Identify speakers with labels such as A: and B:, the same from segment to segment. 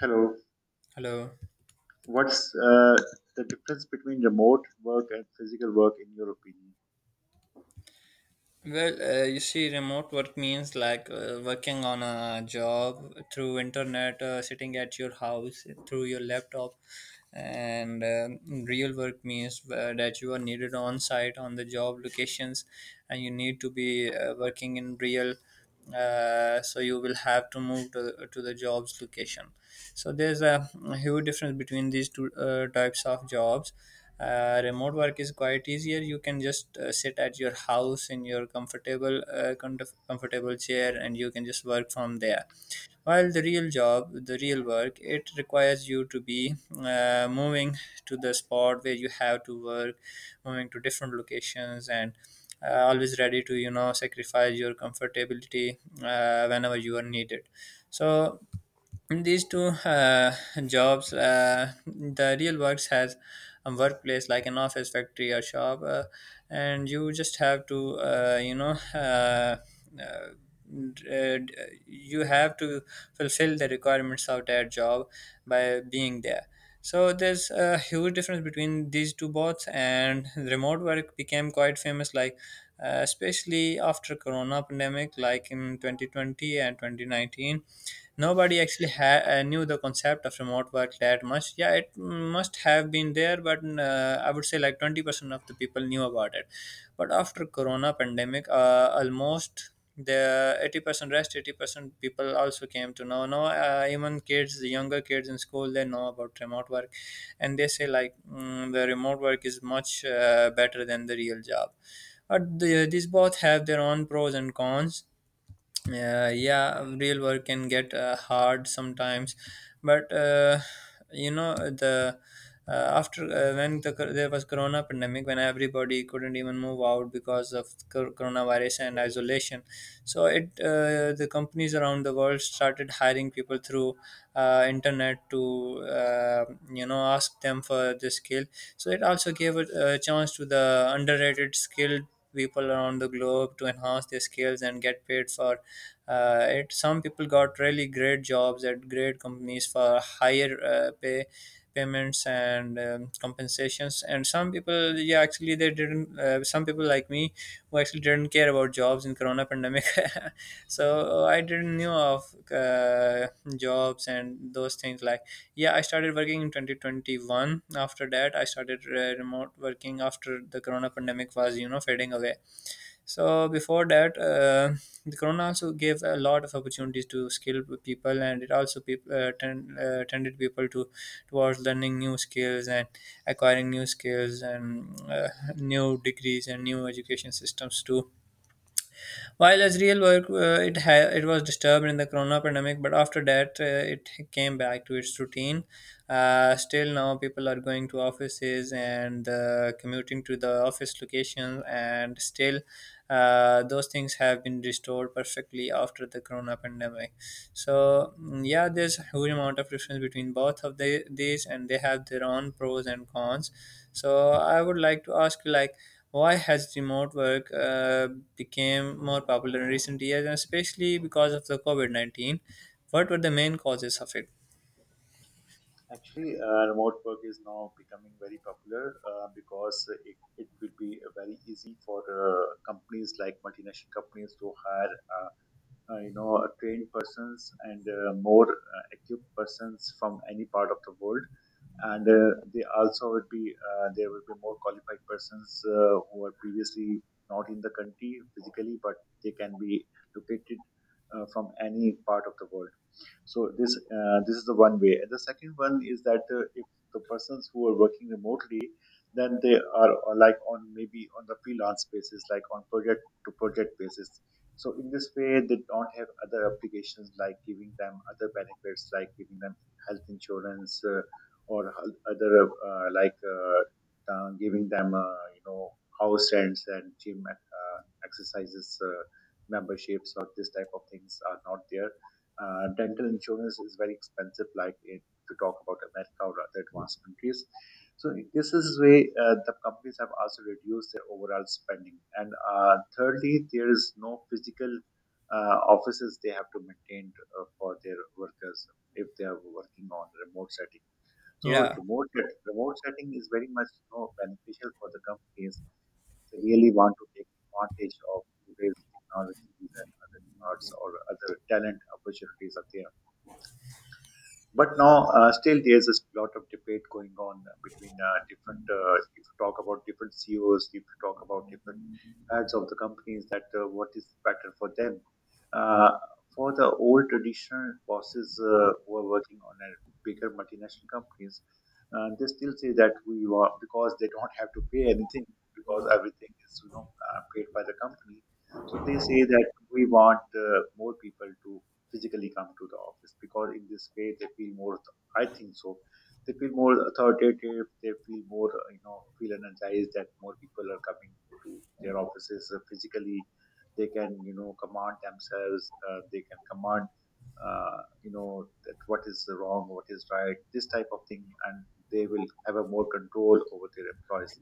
A: Hello.
B: Hello.
A: What's uh, the difference between remote work and physical work, in your opinion?
B: Well, you see, remote work means like working on a job through internet, sitting at your house through your laptop, and real work means that you are needed on site on the job locations, and you need to be working in real. So you will have to move to the jobs location. So there's a huge difference between these two types of jobs. Remote work is quite easier. You can just sit at your house in your comfortable comfortable chair, and you can just work from there. While the real work, it requires you to be moving to the spot where you have to work, moving to different locations, and always ready to sacrifice your comfortability whenever you are needed. So these two jobs, the real works has a workplace like an office, factory, or shop, and you just have to uh, you have to fulfill the requirements of that job by being there. So there's a huge difference between these two bots, and remote work became quite famous, like especially after corona pandemic, like in 2020 and 2019. Nobody actually knew the concept of remote work that much. Yeah, it must have been there, but I would say like 20% of the people knew about it. But after Corona pandemic, almost the 80% rest 80% people also came to know. No, even kids the younger kids in school, they know about remote work. And they say like the remote work is much better than the real job. But these both have their own pros and cons. Yeah, real work can get hard sometimes. But the after when there was corona pandemic, when everybody couldn't even move out because of coronavirus and isolation. So it the companies around the world started hiring people through internet to ask them for the skill. So it also gave a chance to the underrated skilled people around the globe to enhance their skills and get paid for. It, some people got really great jobs at great companies for higher payments and compensations. And some people, yeah, actually they didn't, some people like me who actually didn't care about jobs in corona pandemic. So I didn't knew of jobs and those things, like, yeah, I started working in 2021. After that, I started remote working after the corona pandemic was fading away. So before that, the Corona also gave a lot of opportunities to skilled people, and it also tended people to towards learning new skills and acquiring new skills, and new degrees and new education systems to. While as real work, it was disturbed in the corona pandemic, but after that, it came back to its routine. Still now, people are going to offices and commuting to the office location, and still, those things have been restored perfectly after the corona pandemic. So yeah, there's a huge amount of difference between both of these, and they have their own pros and cons. So I would like to ask you, like, why has remote work became more popular in recent years, and especially because of the COVID-19? What were the main causes of it?
A: Actually, remote work is now becoming very popular because it will be very easy for companies like multinational companies to hire, uh, you know, trained persons and more equipped persons from any part of the world. And they also would be there would be more qualified persons who are previously not in the country physically but they can be located from any part of the world. So this is the one way. And the second one is that if the persons who are working remotely, then they are like on maybe on the freelance basis, like on project to project basis. So in this way, they don't have other applications like giving them other benefits, like giving them health insurance or other giving them you know house rents and gym exercises memberships or this type of things are not there. Dental insurance is very expensive, like in, if talk about America or other advanced countries. So this is where the companies have also reduced their overall spending. And thirdly, there is no physical offices they have to maintain for their workers if they are working on remote setting. So
B: Yeah,
A: remote setting is very much you know, beneficial for the companies. They really want to take advantage of today's technologies and other parts or other talent opportunities are there. But now, still, there's a lot of debate going on between different. If you talk about different CEOs, if you talk about different heads of the companies, that what is better for them. Uh, for the old traditional bosses who are working on a bigger multinational companies, they still say that we want because they don't have to pay anything because everything is you know paid by the company. So they say that we want more people to physically come to the office because in this way they feel more, I think so, they feel more authoritative, they feel more you know feel energized that more people are coming to their offices physically. They can you know command themselves, they can command uh, you know that what is wrong what is right this type of thing, and they will have a more control over their employees.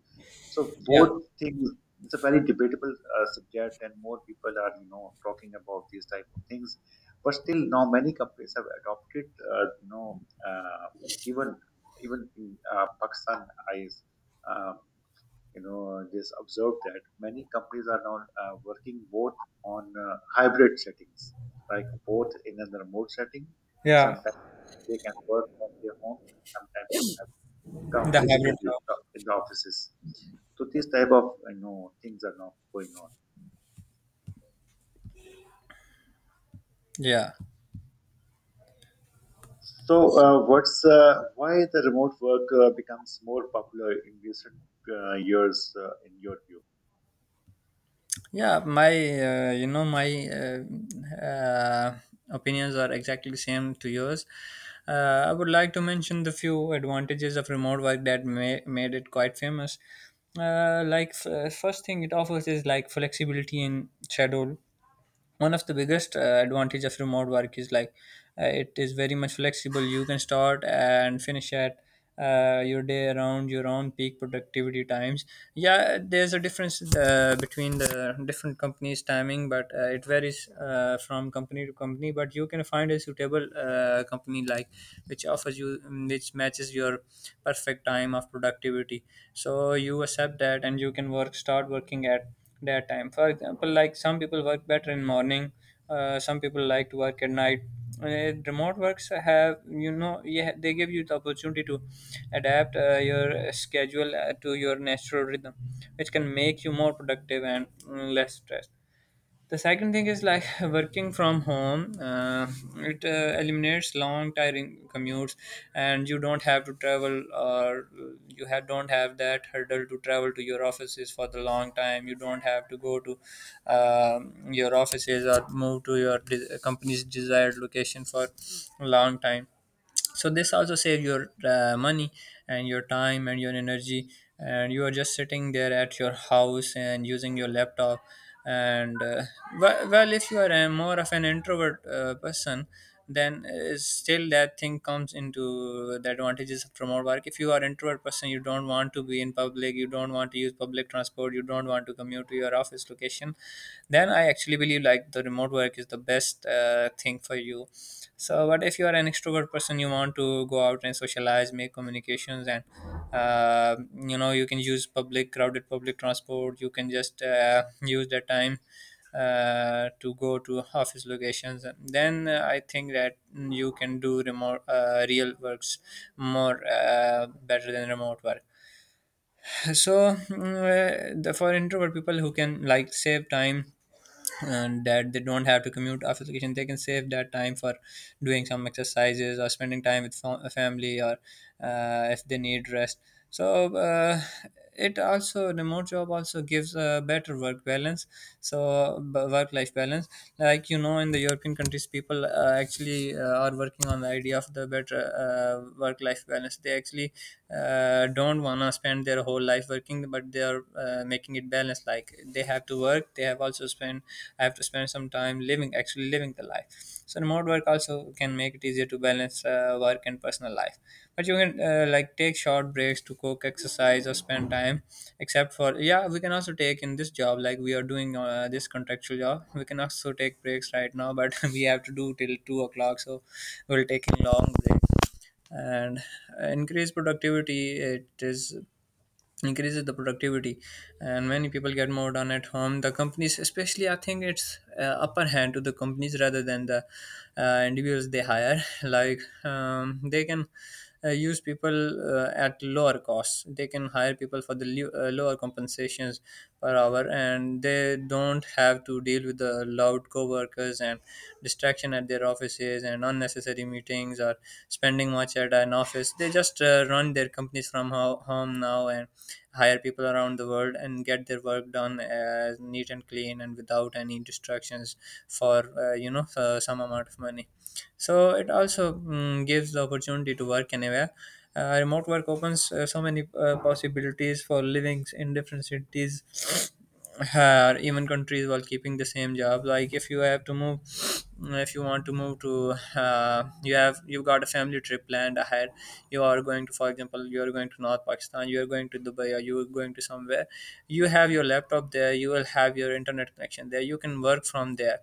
A: So
B: yeah,
A: both things, it's a very debatable subject and more people are you know talking about these type of things. But still, now many companies have adopted, even even in Pakistan, I, uh, you know, just observed that many companies are now working both on hybrid settings, like both in a remote setting.
B: yeah.
A: Sometimes they can work from their homes, and sometimes they have to come
B: The hybrid
A: physically in the
B: jobs.
A: in the offices. So these type of you know things are now going on.
B: Yeah,
A: So, what's why the remote work becomes more popular in recent years, in your view?
B: yeah, my you know my opinions are exactly same to yours. I would like to mention the few advantages of remote work that made it quite famous. Like, first thing it offers is like flexibility in schedule. One of the biggest advantage of remote work is like it is very much flexible. You can start and finish at your day around your own peak productivity times. Yeah, there's a difference between the different companies timing. But it varies from company to company. But you can find a suitable company, like, which offers you which matches your perfect time of productivity. So you accept that, and you can work start working at their time. For example, like, some people work better in morning, some people like to work at night. uh, Remote works have, yeah, they give you the opportunity to adapt your schedule to your natural rhythm, which can make you more productive and less stressed. The second thing is like, working from home. It eliminates long, tiring commutes, and you don't have to travel, or you have don't have that hurdle to travel to your offices for the long time. You don't have to go to your offices or move to your company's desired location for long time. So this also save your money and your time and your energy, and you are just sitting there at your house and using your laptop. And well, if you are a more of an introvert person, then still that thing comes into the advantages of remote work. If you are introvert person, you don't want to be in public, you don't want to use public transport, you don't want to commute to your office location, then I actually believe like the remote work is the best thing for you. So but if you are an extrovert person, you want to go out and socialize, make communications, and uh, you can use public crowded public transport. You can just use that time to go to office locations. Then I think that you can do remote real works more better than remote work. So for introvert people who can like save time, and that they don't have to commute after vacation, they can save that time for doing some exercises or spending time with family, or if they need rest. So it also remote job also gives a better work balance. So work life balance, like, in the european countries people actually are working on the idea of the better work life balance. They actually don't wanna spend their whole life working, but they are making it balanced. Like, they have to work, they have to spend some time living, actually living the life. So remote work also can make it easier to balance work and personal life. But you can like take short breaks to cook, exercise, or spend time. Except for yeah, we can also take in this job, like, we are doing this contractual job. We can also take breaks right now, but we have to do till 2 o'clock, so we'll take a long break and uh, increase productivity it is increases the productivity. And many people get more done at home. The companies especially, I think it's upper hand to the companies rather than the individuals they hire. Like, they can use people at lower costs. They can hire people for the lower compensations per hour, and they don't have to deal with the loud co-workers and distraction at their offices and unnecessary meetings or spending much at an office. They just run their companies from home now, and hire people around the world, and get their work done as neat and clean and without any distractions for some amount of money. So it also gives the opportunity to work anywhere. Remote work opens so many possibilities for living in different cities or even countries while keeping the same job. Like, if you have to move, if you want to move to, you've got a family trip planned ahead. You are going to, for example, you are going to North Pakistan, you are going to Dubai, or you are going to somewhere. You have your laptop there. You will have your internet connection there. You can work from there.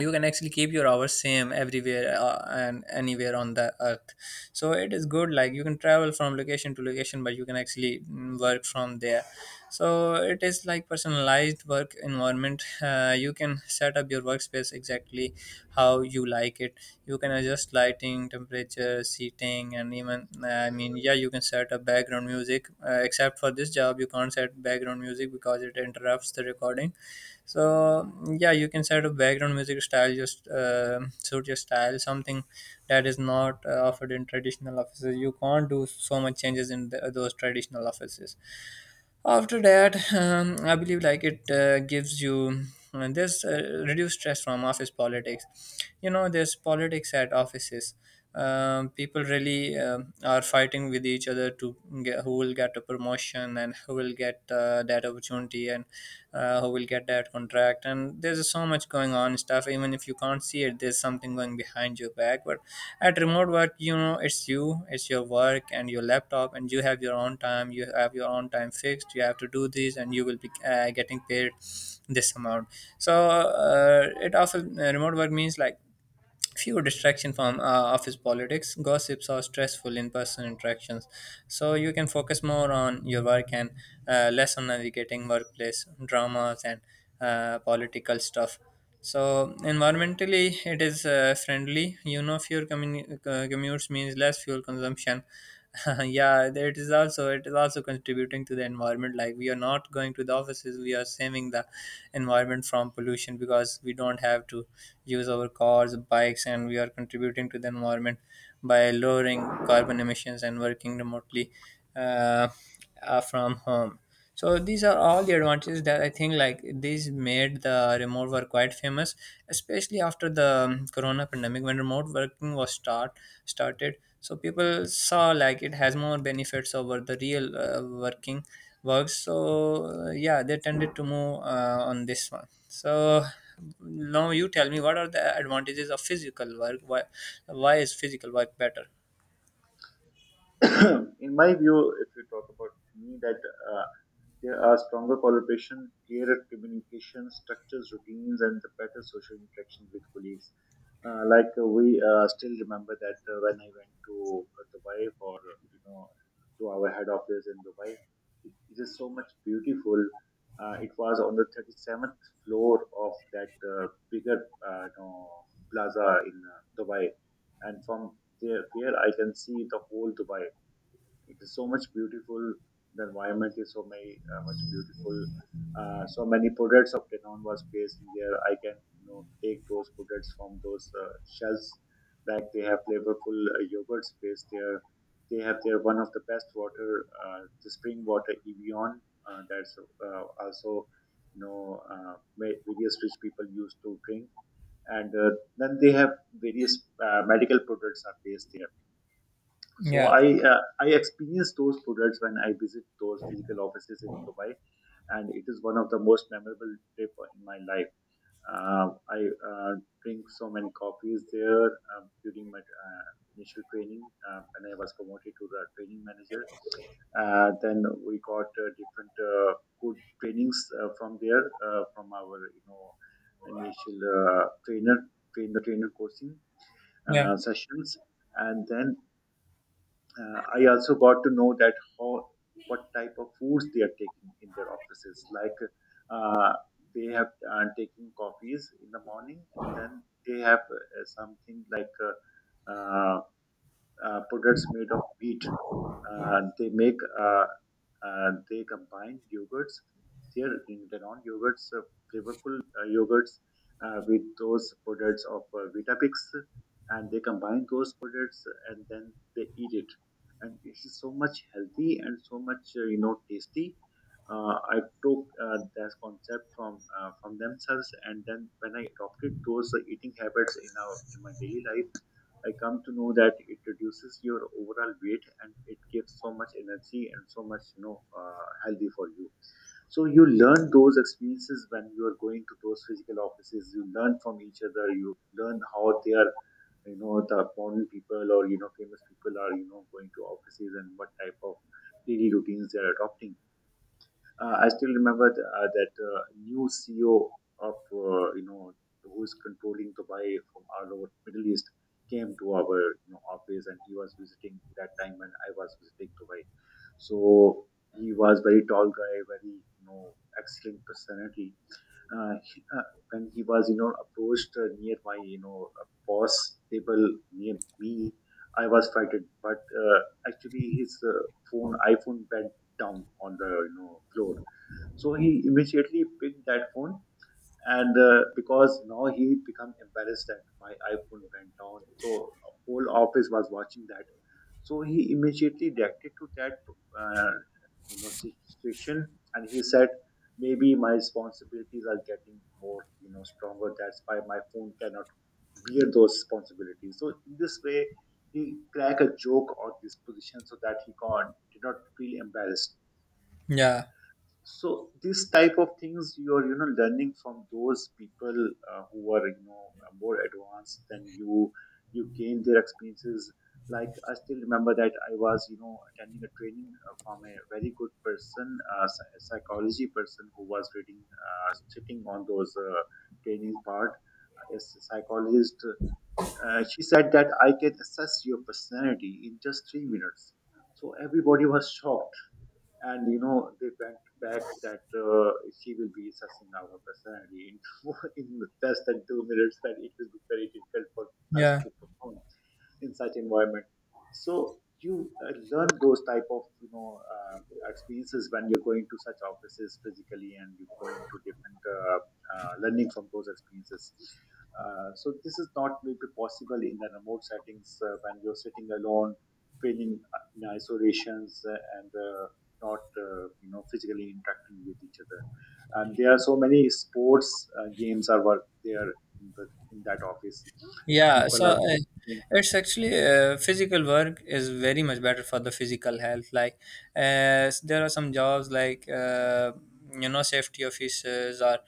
B: You can actually keep your hours same everywhere and anywhere on the earth, so it is good. Like you can travel from location to location, but you can actually work from there. So it is like personalized work environment. You can set up your workspace exactly how you like it. You can adjust lighting, temperature, seating, and even I mean, yeah, you can set up background music. Except for this job, you can't set background music because it interrupts the recording. So yeah, you can set a background music style, just suit your style, something that is not offered in traditional offices. You can't do so much changes in those traditional offices. After that, I believe like it gives you this reduced stress from office politics. You know, there's politics at offices. People really are fighting with each other to get, who will get a promotion, and who will get that opportunity, and who will get that contract. And there's so much going on stuff, even if you can't see it, there's something going behind your back. But at remote work, you know, it's you, it's your work and your laptop, and you have your own time. You have your own time fixed. You have to do this and you will be getting paid this amount. So it often, remote work means like few distraction from office politics, gossips, or stressful in-person interactions. So you can focus more on your work and less on navigating workplace dramas and political stuff. So environmentally it is friendly. You know, fewer commutes means less fuel consumption. Yeah, it is also, it is also contributing to the environment. Like we are not going to the offices, we are saving the environment from pollution because we don't have to use our cars, bikes, and we are contributing to the environment by lowering carbon emissions and working remotely, uh, from home. So these are all the advantages that I think like these made the remote work quite famous, especially after the corona pandemic when remote working was started. So people saw like it has more benefits over the real working works. So yeah, they tended to move on this one. So now you tell me, what are the advantages of physical work? Why is physical work better?
A: In my view, if you talk about me, that uh, there are stronger collaboration, clearer communication, structures, routines, and the better social interactions with colleagues. We still remember that when I went to Dubai or you know to our head office in Dubai, it is so much beautiful. It was on the 37th floor of that bigger you know, plaza in Dubai, and from there, there I can see the whole Dubai. It is so much beautiful. The environment is so many much beautiful. So many products of Canon was placed in there. I can you know take those products from those shelves. Like they have flavorful yogurts placed there. They have their one of the best water, the spring water Evian. That's also you know various rich people used to drink. And then they have various medical products are placed there. So
B: Yeah,
A: I, I experienced those products when I visit those physical offices in Dubai, and it is one of the most memorable trip in my life. I uh, drink so many coffees there during my initial training, and I was promoted to the training manager. Then we got different good trainings from there from our you know initial trainer train the trainer coaching
B: yeah,
A: sessions. And then I also got to know that how what type of foods they are taking in their offices. Like uh, they have taking coffees in the morning, and then they have something like products made of wheat. Uh, they make uh, they combine yogurts, their their own yogurts, flavorful yogurts, with those products of Vitapix, and they combine those products and then they eat it. And it's so much healthy and so much you know tasty. I took that concept from themselves, and then when I adopted those eating habits in our in my daily life, I come to know that it reduces your overall weight and it gives so much energy and so much, you know, healthy for you. So you learn those experiences when you are going to those physical offices. You learn from each other. You learn how they are, you know, the foreign people or you know famous people are, you know, going to offices and what type of daily routines they are adopting. I still remember the, that new CEO of you know who is controlling Dubai from all over Middle East came to our you know, office and he was visiting that time when I was visiting Dubai. So he was very tall guy, very you know excellent personality. When he was you know approached near my you know boss table near me, I was frightened. But actually his phone, iPhone went down on the you know floor, so he immediately picked that phone, and because now he become embarrassed that my iPhone went down, so whole office was watching that. So he immediately reacted to that, uh, you know, situation, and he said, maybe my responsibilities are getting more, you know, stronger. That's why my phone cannot bear those responsibilities. So in this way, he cracked a joke on this position so that he can't did not feel embarrassed.
B: yeah,
A: So these type of things you are you know learning from those people who are you know more advanced than you. You gain their experiences. Like I still remember that I was you know attending a training from a very good person, psychology person who was reading sitting on those training part, a psychologist. She said that I can assess your personality in just 3 minutes. So everybody was shocked, and you know they went back that she will be sussing out her personality in, in less than 2 minutes, that it will be very difficult for us
B: yeah.
A: to perform in such environment. So you learn those type of you know experiences when you're going to such offices physically and you're going to different learning from those experiences. So this is not maybe possible in the remote settings when you're sitting alone feeling in isolations and not you know physically interacting with each other. And there are so many sports games are work there in, the, in that office.
B: Yeah,
A: People
B: so
A: are
B: it's actually physical work is very much better for the physical health. Like, there are some jobs like you know, safety officers, or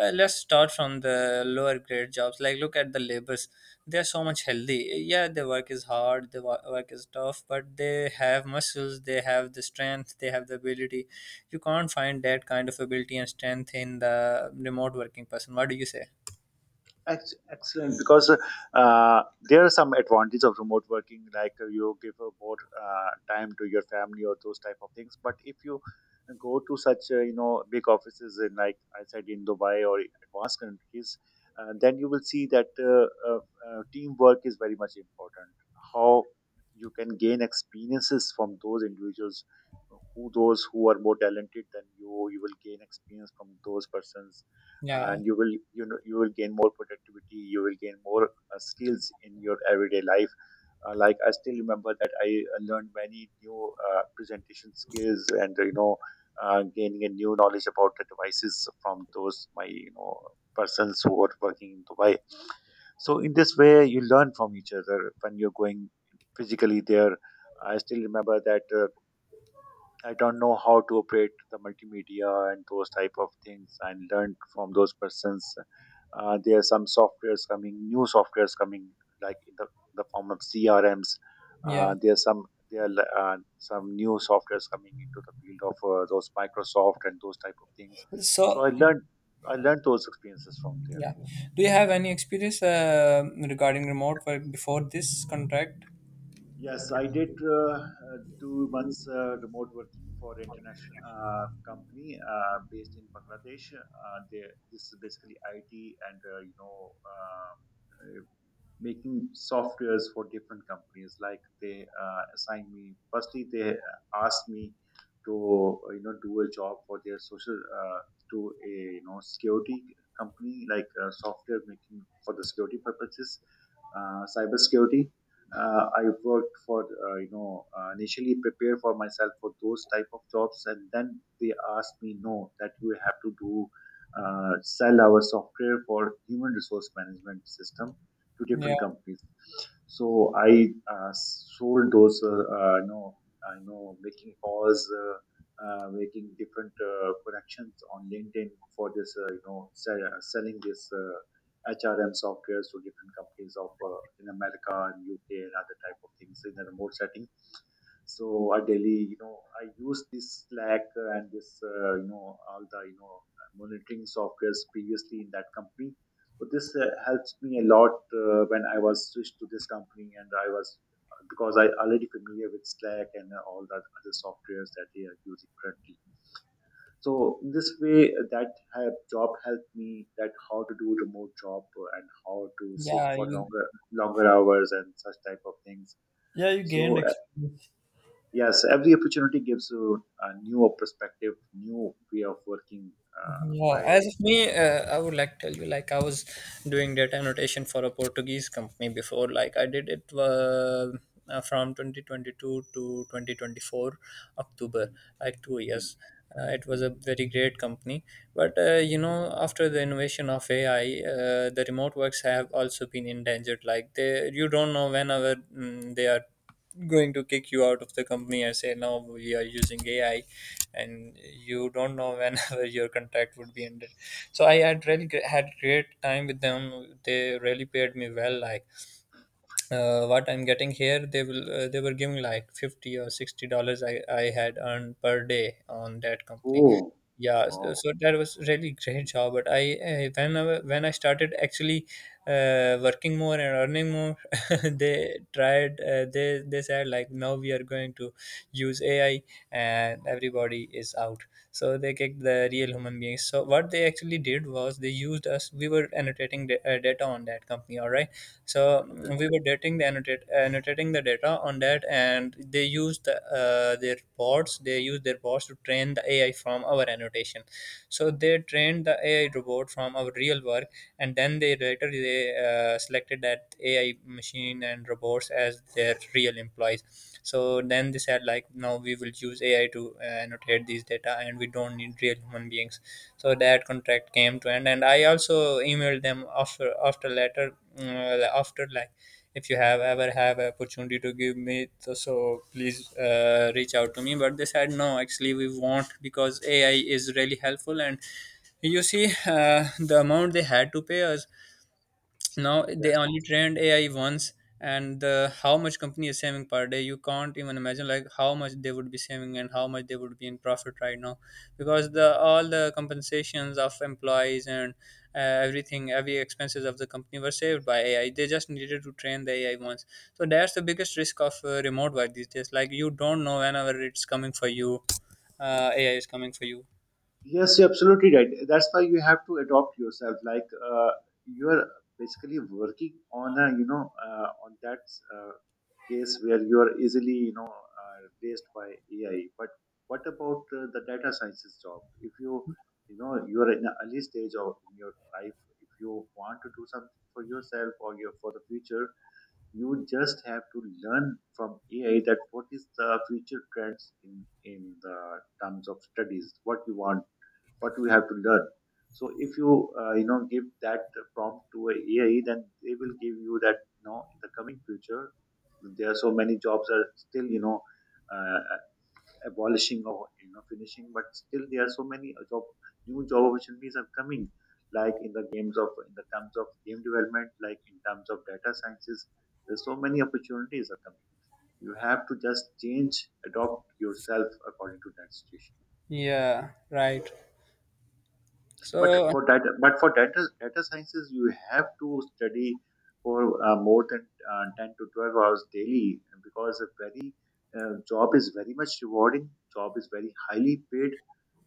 B: let's start from the lower grade jobs. Like, look at the laborers; they are so much healthy. Yeah, their work is hard, the work is tough, but they have muscles, they have the strength, they have the ability. You can't find that kind of ability and strength in the remote working person. What do you say?
A: Ex- excellent, because there are some advantages of remote working, like you give more time to your family or those type of things. But if you go to such you know big offices in like I said in Dubai or in advanced countries, then you will see that teamwork is very much important. How you can gain experiences from those individuals, who those who are more talented than you, you will gain experience from those persons.
B: Yeah,
A: And you will you know you will gain more productivity, you will gain more skills in your everyday life. Like I still remember that I learned many new presentation skills and you know gaining a new knowledge about the devices from those my you know persons who are working in Dubai. So in this way you learn from each other when you're going physically there. I still remember that I don't know how to operate the multimedia and those type of things. And learned from those persons. There are some softwares coming, new softwares coming, like in the form of CRMs.
B: yeah.
A: There are some new softwares coming into the field of those Microsoft and those type of things. So
B: So
A: I learned those experiences from there.
B: yeah. Do you have any experience regarding remote work before this contract?
A: Yes, I did 2 months remote working for international company based in Bangladesh. They, this is basically IT and making softwares for different companies. Like they assigned me. Firstly, they asked me to do a job for their social to a you know security company, like software making for the security purposes, cyber security. I worked for initially prepare for myself for those type of jobs, and then they asked me no that you have to do sell our software for human resource management system to
B: Yeah.
A: different companies. So I sold those. I know making calls, making different connections on LinkedIn for this, you know, sell, selling this HRM software to different companies of in America and UK and other type of things in a remote setting. So I daily, I use this Slack and all the monitoring softwares previously in that company, but this helps me a lot when I was switched to this company, and I was because I already familiar with Slack and all that other softwares that they are using currently. So in this way, job helped me that how to do remote job and how to sit
B: Yeah,
A: for
B: you,
A: longer hours and such type of things.
B: yeah, you gained
A: So
B: experience.
A: yes, every opportunity gives you a new perspective, new way of working uh,
B: Yeah, as
A: by.
B: of me, I would like tell you like I was doing data annotation for a Portuguese company before. Like I did it from 2022 to 2024 October,
A: Mm,
B: like two
A: mm,
B: years. It was
A: mm,
B: a very great company, but
A: mm.
B: you know, after the innovation of AI, the remote works have also been endangered. Like they, you don't know whenever they are going to kick you out of the company. I say, no, we are using AI, and you don't know whenever your contract would be ended. So I had really had great time with them. They really paid me well. Like what I'm getting here, they will, they were giving like 50 or $60. I had earned per day on that company.
A: Oh,
B: Yeah, so,
A: wow.
B: so that was really great job. But I when I started actually working more and earning more, they tried, they said like, now we are going to use AI and everybody is out. So they kicked the real human beings. So what they actually did was they used us. We were annotating data on that company, all right? So
A: Okay.
B: we were dating the annotate, annotating the data on that, and they used their bots. They used their bots to train the AI from our annotation. So they trained the AI robot from our real work, and then they later they selected that AI machine and robots as their real employees. So then they said like, now we will use AI to annotate these data, and we don't need real human beings. So that contract came to end, and I also emailed them after later, after like, if you have ever have an opportunity to give me so, so please reach out to me. But they said, no, actually we won't, because AI is really helpful. And you see, the amount they had to pay us. Now they
A: Yes.
B: only trained AI once, and how much company is saving per day, you can't even imagine, like how much they would be saving and how much they would be in profit right now, because the all the compensations of employees and uh, everything, every expenses of the company were saved by AI. They just needed to train the AI once. So that's the biggest risk of remote work these days. Like you don't know whenever it's coming for you, AI is coming for you.
A: Yes, you're absolutely right. That's why you have to adopt yourself. Like you're basically working on a on that uh, case where you are easily, replaced by AI. But what about the data sciences job? If you, you know, you are in an early stage of in your life, if you want to do something for yourself or your for the future, you just have to learn from AI that what is the future trends in the terms of studies, what you want, what we have to learn. So if you you know give that prompt to a AI, then they will give you that, you know, in the coming future there are so many jobs are still, you know, uh, abolishing or, you know, finishing, but still there are so many job new job opportunities are coming, like in the games of in the terms of game development, like in terms of data sciences, there's so many opportunities are coming. You have to just change, adopt yourself according to that situation.
B: Yeah, right.
A: but
B: So
A: for data but for data data sciences you have to study for more than 10 to 12 hours daily because a very job is very much rewarding, job is very highly paid,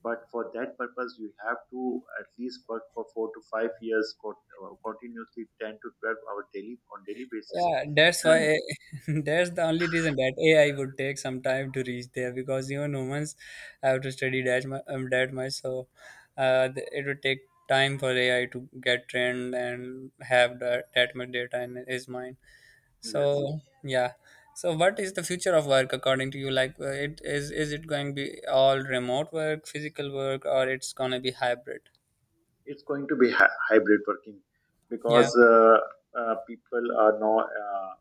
A: but for that purpose you have to at least work for 4 to 5 years for continuously 10 to 12 hour daily on daily basis.
B: yeah, that's
A: And
B: why that's the only reason that AI would take some time to reach there, because even humans have to study that much, that much. So it would take time for AI to get trained and have that much data in his mind.
A: yes,
B: So yeah. So what is the future of work according to you? Like, it is it going to be all remote work, physical work, or it's gonna be hybrid?
A: it's going to be hybrid working,
B: Yeah,
A: because people are now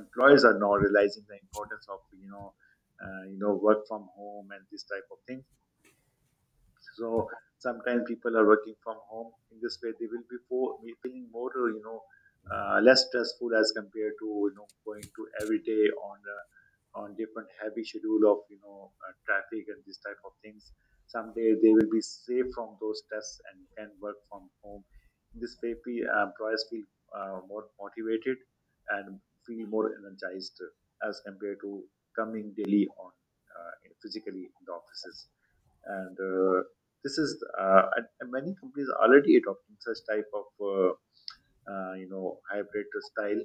A: employers are now realizing the importance of, you know, work from home and this type of thing. So sometimes people are working from home, in this way they will be, be feeling more, you know, less stressful as compared to, you know, going to every day on different heavy schedule of, you know, traffic and this type of things. Someday they will be safe from those tests and can work from home. This way, employers feel more motivated and feel more energized as compared to coming daily on uh, physically in the offices. And this is and many companies are already adopting such type of uh, hybrid style.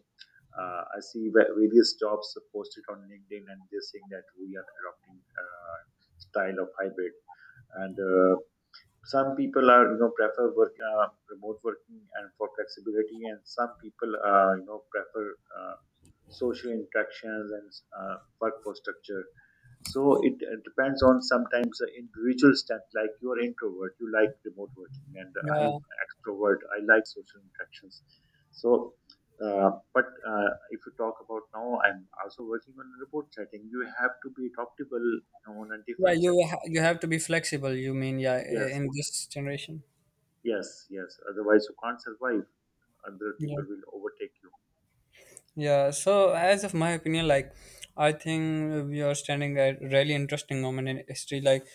A: Uh, I see various jobs posted on LinkedIn, and they're saying that we are adopting style of hybrid. And some people are, you know, prefer work, remote working and for flexibility, and some people, prefer social interactions and workforce structure. So it depends on sometimes the individual step. Like, you are introvert, you like remote working, and I
B: yeah,
A: am extrovert, I like social interactions. So, but if you talk about now, I'm also working on a remote setting. You have to be adaptable on a
B: yeah.
A: different setting.
B: You have to be flexible, you mean, yeah,
A: Yes,
B: in this generation.
A: yes, yes. Otherwise, you can't survive. Other
B: Yeah.
A: people will overtake you.
B: Yeah, so as of my opinion, like I think we are standing at really interesting moment in history. Like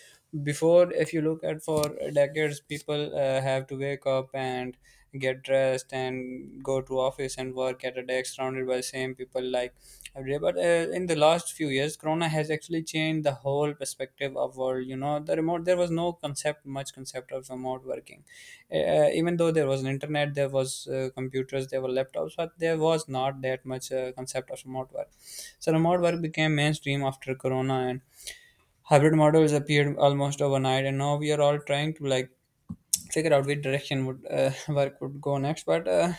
B: before, if you look at for decades, people have to wake up and get dressed and go to office and work at a desk surrounded by same people like every day. But in the last few years, Corona has actually changed the whole perspective of world. You know, there was no concept, much concept of remote working. Even though there was an internet, there was computers, there were laptops, but there was not that much concept of remote work. So remote work became mainstream after Corona, and hybrid models appeared almost overnight, and now we are all trying to like figure out which direction would work would go next. But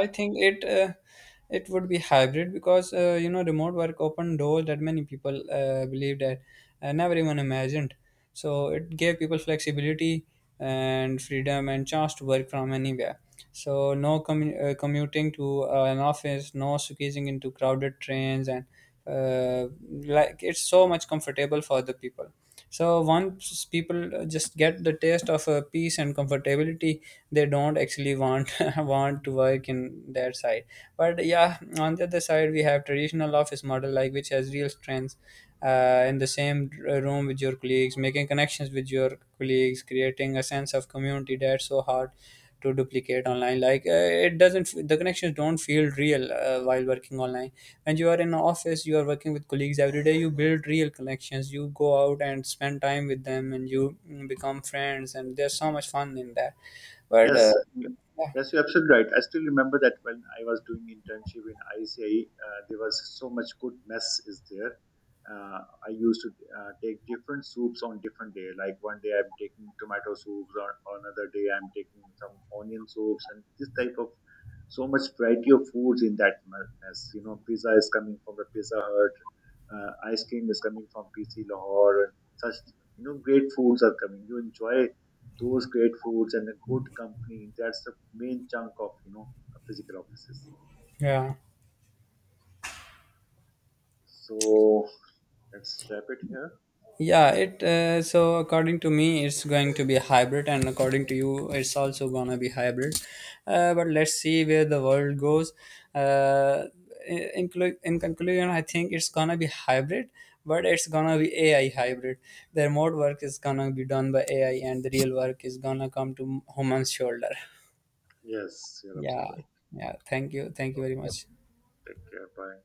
B: I think it it would be hybrid, because you know, remote work opened doors that many people believed that never even imagined. So it gave people flexibility and freedom and chance to work from anywhere. So no commuting to an office, no squeezing into crowded trains, and uh, like it's so much comfortable for the people. So once people just get the taste of peace and comfortability, they don't actually want want to work in their side. But yeah, on the other side, we have traditional office model like which has real strengths. In the same room with your colleagues, making connections with your colleagues, creating a sense of community, that's so hard to duplicate online. Like it doesn't, the connections don't feel real while working online. When you are in an office, you are working with colleagues every day, you build real connections, you go out and spend time with them, and you become friends, and there's so much fun in that. But
A: Yes. Mm.
B: yeah,
A: Yes, you're absolutely right. I still remember that when I was doing internship in ICI, there was so much good mess is there. Uh, I used to take different soups on different day. Like one day I'm taking tomato soups, or another day I'm taking some onion soups, and this type of so much variety of foods in that mess. You know, pizza is coming from the Pizza Hut, ice cream is coming from PC Lahore, and such, you know, great foods are coming. You enjoy those great foods and a good company. That's the main chunk of, you know, physical offices.
B: yeah.
A: So let's wrap it here.
B: Yeah, it so according to me, it's going to be hybrid, and according to you, it's also gonna be hybrid. But let's see where the world goes. Uh, in, in conclusion, I think it's gonna be hybrid, but it's gonna be AI hybrid. The remote work is gonna be done by AI, and the real work is gonna come to human's shoulder.
A: Yes, you're
B: Yeah,
A: absolutely right.
B: yeah. Thank you very much.
A: Take care. Bye.